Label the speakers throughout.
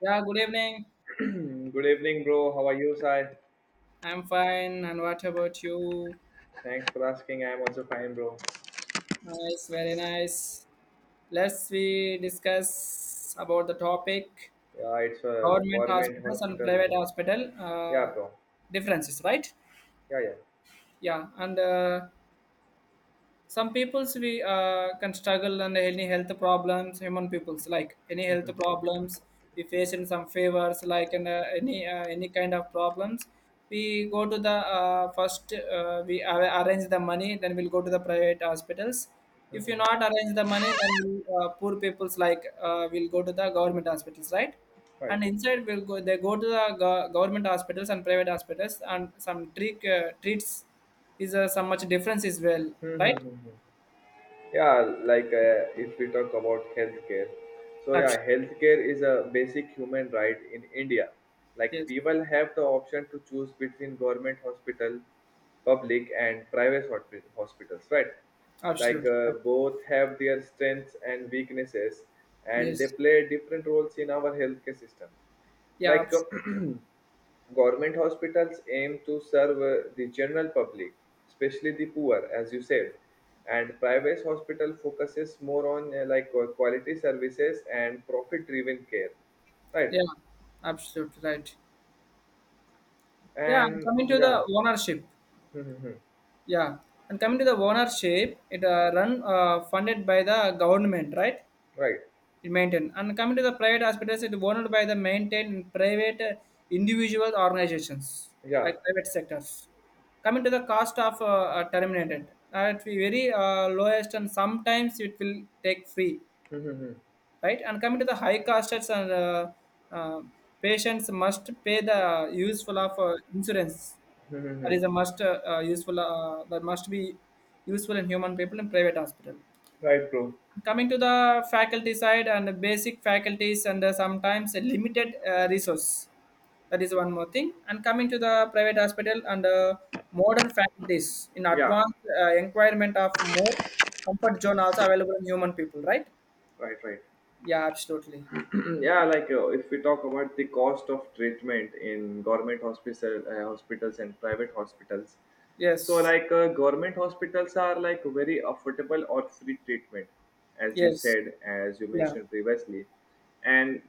Speaker 1: Yeah, good evening.
Speaker 2: Hmm, good evening, bro. How are you, Sai?
Speaker 1: I'm fine. And what about you?
Speaker 2: Thanks for asking. I'm also fine, bro.
Speaker 1: Nice, very nice. Let's we discuss about the topic
Speaker 2: Yeah, it's a
Speaker 1: government
Speaker 2: government
Speaker 1: hospitals and private
Speaker 2: hospital.
Speaker 1: hospital
Speaker 2: Yeah, bro.
Speaker 1: differences, right?
Speaker 2: Yeah, yeah.
Speaker 1: Yeah, and some peoples we can struggle and any health problems human peoples like any health
Speaker 2: Mm-hmm.
Speaker 1: problems we face in some favors like and any kind of problems we go to the first we arrange the money then we'll go to the private hospitals if you
Speaker 2: Mm-hmm.
Speaker 1: not arrange the money then we'll, poor people's like will go to the government hospitals, right.
Speaker 2: Right.
Speaker 1: And inside will go they go to the government hospitals and private hospitals and some treat treats is some much difference as well,
Speaker 2: Mm-hmm.
Speaker 1: right.
Speaker 2: Mm-hmm. Yeah, if we talk about healthcare, so yeah,
Speaker 1: Abs-
Speaker 2: healthcare is a basic human right in India. Like
Speaker 1: yes,
Speaker 2: people have the option to choose between government hospital, public and hospitals, right?
Speaker 1: absolutely. Right.
Speaker 2: Both have their strengths and weaknesses, and they
Speaker 1: Yes,
Speaker 2: play different roles in our healthcare system.
Speaker 1: yeah,
Speaker 2: Like government hospitals aim to serve the general public, especially the poor, as you said, and private hospital focuses more on quality services and profit-driven care, right?
Speaker 1: yeah, absolutely right. Yeah, and
Speaker 2: And
Speaker 1: coming to
Speaker 2: yeah,
Speaker 1: the ownership. Yeah, and coming to the ownership, it run funded by the government, right?
Speaker 2: right,
Speaker 1: It maintain, and coming to the private hospitals, it owned by the maintained in private individual organizations,
Speaker 2: yeah,
Speaker 1: like private sectors. Coming to the cost of terminated, at very lowest, and sometimes it will take free, right? And coming to the high costs and uh, patients must pay the useful of insurance. That is a must useful that must be useful in human people in private hospital.
Speaker 2: right, bro,
Speaker 1: Coming to the faculty side and the basic faculties and sometimes a limited resource. That is one more thing. And coming to the private hospital and modern faculties in
Speaker 2: yeah,
Speaker 1: advanced environment of more comfort zone also available in human people, right?
Speaker 2: right, right.
Speaker 1: Yeah, absolutely.
Speaker 2: Yeah, if we talk about the cost of treatment in government hospital hospitals and private hospitals, so
Speaker 1: Yes.
Speaker 2: government hospitals are like very affordable or free treatment, as you
Speaker 1: Yes.
Speaker 2: said, as you
Speaker 1: Yeah.
Speaker 2: mentioned previously. And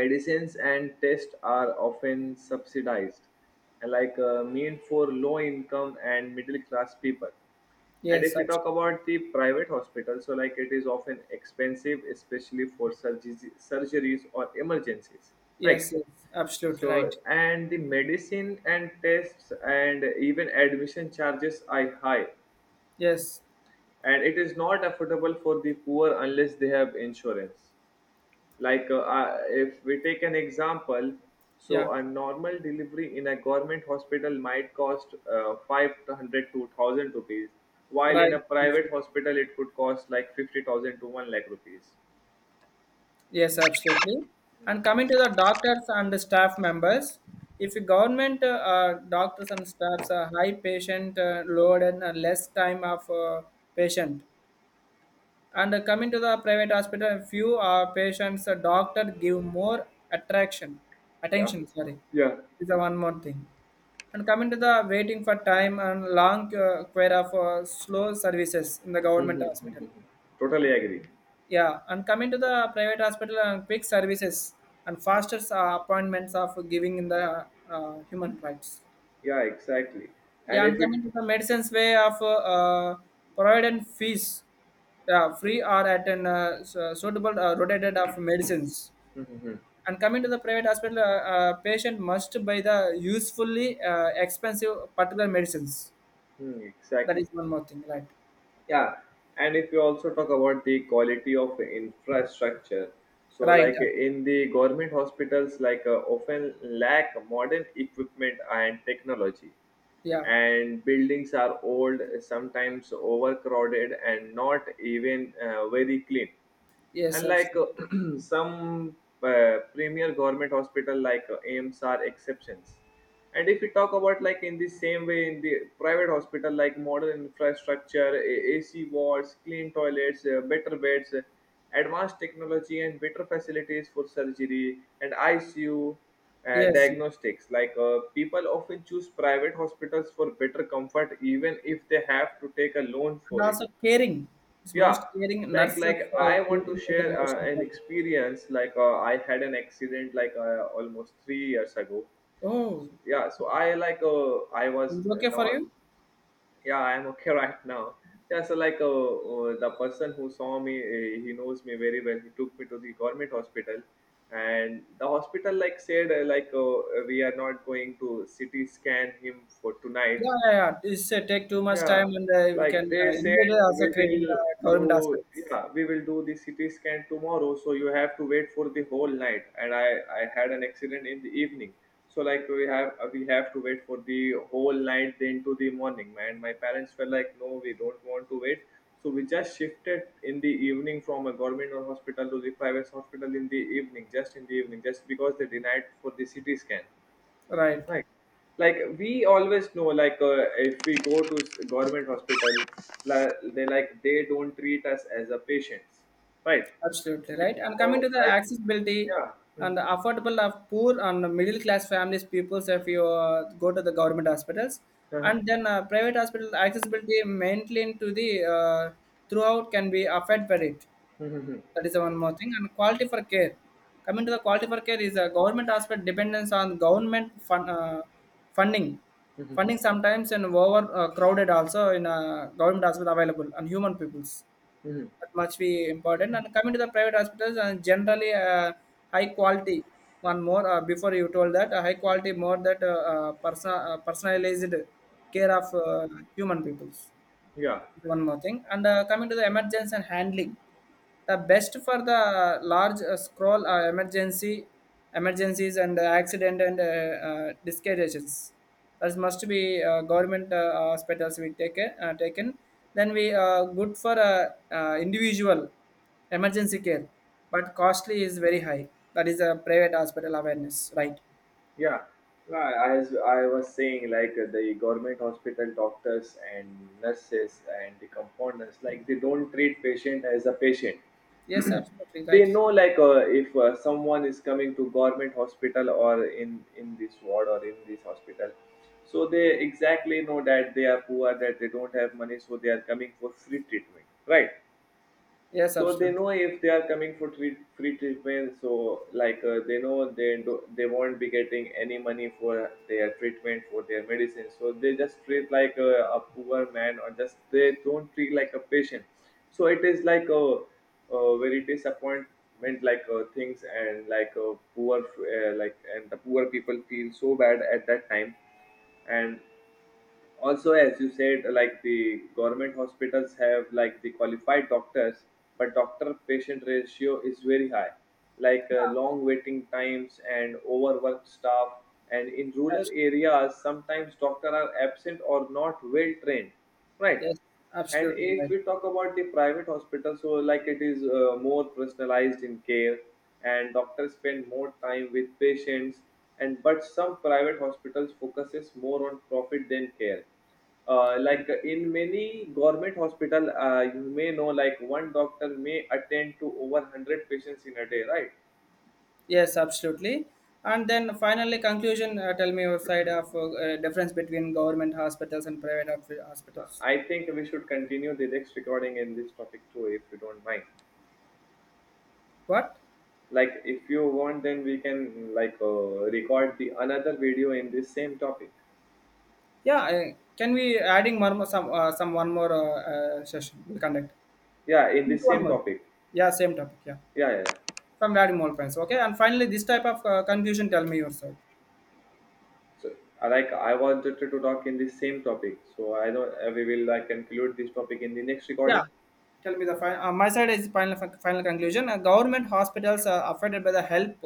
Speaker 2: medicines and tests are often subsidized, and mean for low income and middle class people. And
Speaker 1: Yes.
Speaker 2: if you talk
Speaker 1: Absolutely.
Speaker 2: about the private hospital, so like it is often expensive, especially for surgeries or emergencies, right?
Speaker 1: Yes. Yes. Absolutely
Speaker 2: So
Speaker 1: right.
Speaker 2: and the medicine and tests and even admission charges are high,
Speaker 1: Yes.
Speaker 2: and it is not affordable for the poor unless they have insurance. If we take an example, so
Speaker 1: Yeah.
Speaker 2: a normal delivery in a government hospital might cost 500 to 1,000 rupees, while in
Speaker 1: Right.
Speaker 2: a private
Speaker 1: Absolutely.
Speaker 2: hospital it could cost like 50,000 to 1 lakh rupees.
Speaker 1: Yes. Absolutely. And coming to the doctors and the staff members, if the government doctors and staffs are high patient load and less time of patient. And coming to the private hospital, few patients, doctor give more attraction,
Speaker 2: Yeah,
Speaker 1: attention. Sorry,
Speaker 2: yeah.
Speaker 1: is the one more thing. And coming to the waiting for time and long queue for slow services in the government
Speaker 2: Mhm,
Speaker 1: hospital.
Speaker 2: mhm. Totally agree.
Speaker 1: Yeah, and coming to the private hospital and quick services and faster appointments of giving in the human rights.
Speaker 2: Yeah, exactly. and
Speaker 1: Yeah,
Speaker 2: if
Speaker 1: and
Speaker 2: it
Speaker 1: coming to the medicines way of providing fees, yeah, free or at an suitable rotated of medicines.
Speaker 2: Mhm, mhm.
Speaker 1: And coming to the private hospital, patient must buy the usefully expensive particular medicines.
Speaker 2: Hmm,
Speaker 1: That
Speaker 2: exactly.
Speaker 1: is one more thing, right?
Speaker 2: Yeah, and if you also talk about the quality of infrastructure, so
Speaker 1: Right.
Speaker 2: like in the government hospitals, often lack modern equipment and technology,
Speaker 1: Yeah.
Speaker 2: and buildings are old, sometimes overcrowded, and not even very clean.
Speaker 1: Yes,
Speaker 2: And like
Speaker 1: absolutely.
Speaker 2: some premier government hospital aims are exceptions. And if we talk about like in the same way in the private hospital, like modern infrastructure, ac wards, clean toilets, better beds, advanced technology and better facilities for surgery and icu,
Speaker 1: Yes.
Speaker 2: diagnostics. People often choose private hospitals for better comfort, even if they have to take a loan
Speaker 1: And
Speaker 2: for it.
Speaker 1: also caring. It's
Speaker 2: Yeah,
Speaker 1: most caring.
Speaker 2: like,
Speaker 1: Nurses are
Speaker 2: I want to
Speaker 1: caring is the
Speaker 2: share
Speaker 1: most
Speaker 2: an
Speaker 1: important.
Speaker 2: experience. I had an accident almost 3 years ago.
Speaker 1: Oh,
Speaker 2: So, yeah, so I was
Speaker 1: is it okay for
Speaker 2: not.
Speaker 1: you?
Speaker 2: Yeah, I am okay right now. Yeah, so the person who saw me he knows me very well. He took me to the government hospital, and the hospital said, we are not going to CT scan him for tonight.
Speaker 1: Yeah, yeah, yeah. This take too much
Speaker 2: Yeah,
Speaker 1: time, and we
Speaker 2: like
Speaker 1: can
Speaker 2: they said,
Speaker 1: indeed
Speaker 2: we
Speaker 1: also create in the
Speaker 2: will
Speaker 1: government
Speaker 2: do
Speaker 1: aspects.
Speaker 2: yeah, we will do the CT scan tomorrow, so you have to wait for the whole night. And I had an accident in the evening, so like we have to wait for the whole night, then to the morning. And my parents were like, no, we don't want to wait, so we just shifted in the evening from a government or hospital to the private hospital in the evening, just in the evening, just because they denied for the CT scan,
Speaker 1: Right,
Speaker 2: right? Like we always know, if we go to government hospital, they like they don't treat us as a patients, right?
Speaker 1: absolutely
Speaker 2: They
Speaker 1: right. And coming
Speaker 2: go,
Speaker 1: to the
Speaker 2: like,
Speaker 1: accessibility
Speaker 2: yeah. Mhm.
Speaker 1: and the affordable of poor and middle class families, peoples, if you go to the government hospitals,
Speaker 2: Uh-huh.
Speaker 1: and then private hospital accessibility maintained to the throughout can be affected by it.
Speaker 2: Mhm.
Speaker 1: That is one more thing. And quality for care. Coming to the quality for care is a government aspect dependence on government funding.
Speaker 2: Mhm.
Speaker 1: Funding
Speaker 2: Mhm.
Speaker 1: sometimes and over crowded also in a government hospital available and human peoples.
Speaker 2: Mhm.
Speaker 1: That much be important. And coming to the private hospitals and generally high quality. One more before you told that high quality more that personalized care of human peoples.
Speaker 2: Yeah.
Speaker 1: One more thing, and coming to the emergency and handling, the best for the large scroll emergency, emergencies and accident and discarriages. That must be government hospitals we take taken. Then we good for individual emergency care, but costly is very high. That is a private hospital awareness, right?
Speaker 2: Yeah, yeah, as I was saying, the government hospital doctors and nurses and the compounders, like they don't treat patient as a patient.
Speaker 1: Yes, absolutely
Speaker 2: They
Speaker 1: right.
Speaker 2: know if someone is coming to government hospital, or in this ward or in this hospital, so they exactly know that they are poor, that they don't have money, so they are coming for free treatment, right?
Speaker 1: Yes,
Speaker 2: So they
Speaker 1: absolutely.
Speaker 2: know if they are coming for free treatment, so they know they won't be getting any money for their treatment, for their medicine, so they just treat like a poor man, or just they don't treat like a patient. So it is like a very disappointment, things, and like a poor like and the poor people feel so bad at that time. And also, as you said, like the government hospitals have like the qualified doctors, but doctor patient ratio is very high, long waiting times and overworked staff, and in rural
Speaker 1: Absolutely.
Speaker 2: areas sometimes doctors are absent or not well trained, right?
Speaker 1: Yes,
Speaker 2: And
Speaker 1: absolutely
Speaker 2: if
Speaker 1: right.
Speaker 2: we talk about the private hospital, so like it is more personalized in care, and doctors spend more time with patients. And but some private hospitals focuses more on profit than care. In many government hospital, you may know like one doctor may attend to over 100 patients in a day, right?
Speaker 1: Yes, absolutely. And then finally, conclusion. Tell me your side of difference between government hospitals and private
Speaker 2: Now,
Speaker 1: hospitals.
Speaker 2: I think we should continue the next recording in this topic too, if you don't mind.
Speaker 1: What?
Speaker 2: Like if you want, then we can record the another video in this same topic.
Speaker 1: Yeah, can we adding more, some one more session we'll conduct
Speaker 2: Yeah, in this
Speaker 1: one
Speaker 2: same
Speaker 1: more.
Speaker 2: topic.
Speaker 1: Yeah, same topic. Yeah,
Speaker 2: Yeah, yeah.
Speaker 1: from adding more points. Okay, and finally, this type of confusion. Tell me your side.
Speaker 2: So I I wanted to talk in this same topic, so I don't we will like conclude this topic in the next
Speaker 1: Yeah,
Speaker 2: recording,
Speaker 1: tell me the final. My side is final final conclusion. Government hospitals are affected by the help.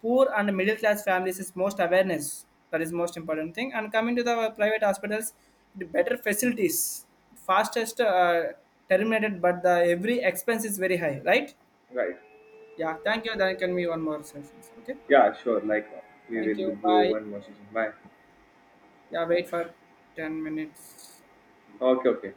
Speaker 1: Poor and middle class families is most awareness. That is most important thing. And coming to the private hospitals, the better facilities, fastest terminated, but the every expense is very high, right?
Speaker 2: right?
Speaker 1: Yeah, thank you. Then can be one more session. Okay,
Speaker 2: Yeah, sure. We
Speaker 1: thank
Speaker 2: will
Speaker 1: you.
Speaker 2: go
Speaker 1: Bye.
Speaker 2: one more session. Bye.
Speaker 1: Yeah, wait for 10 minutes.
Speaker 2: Okay, okay.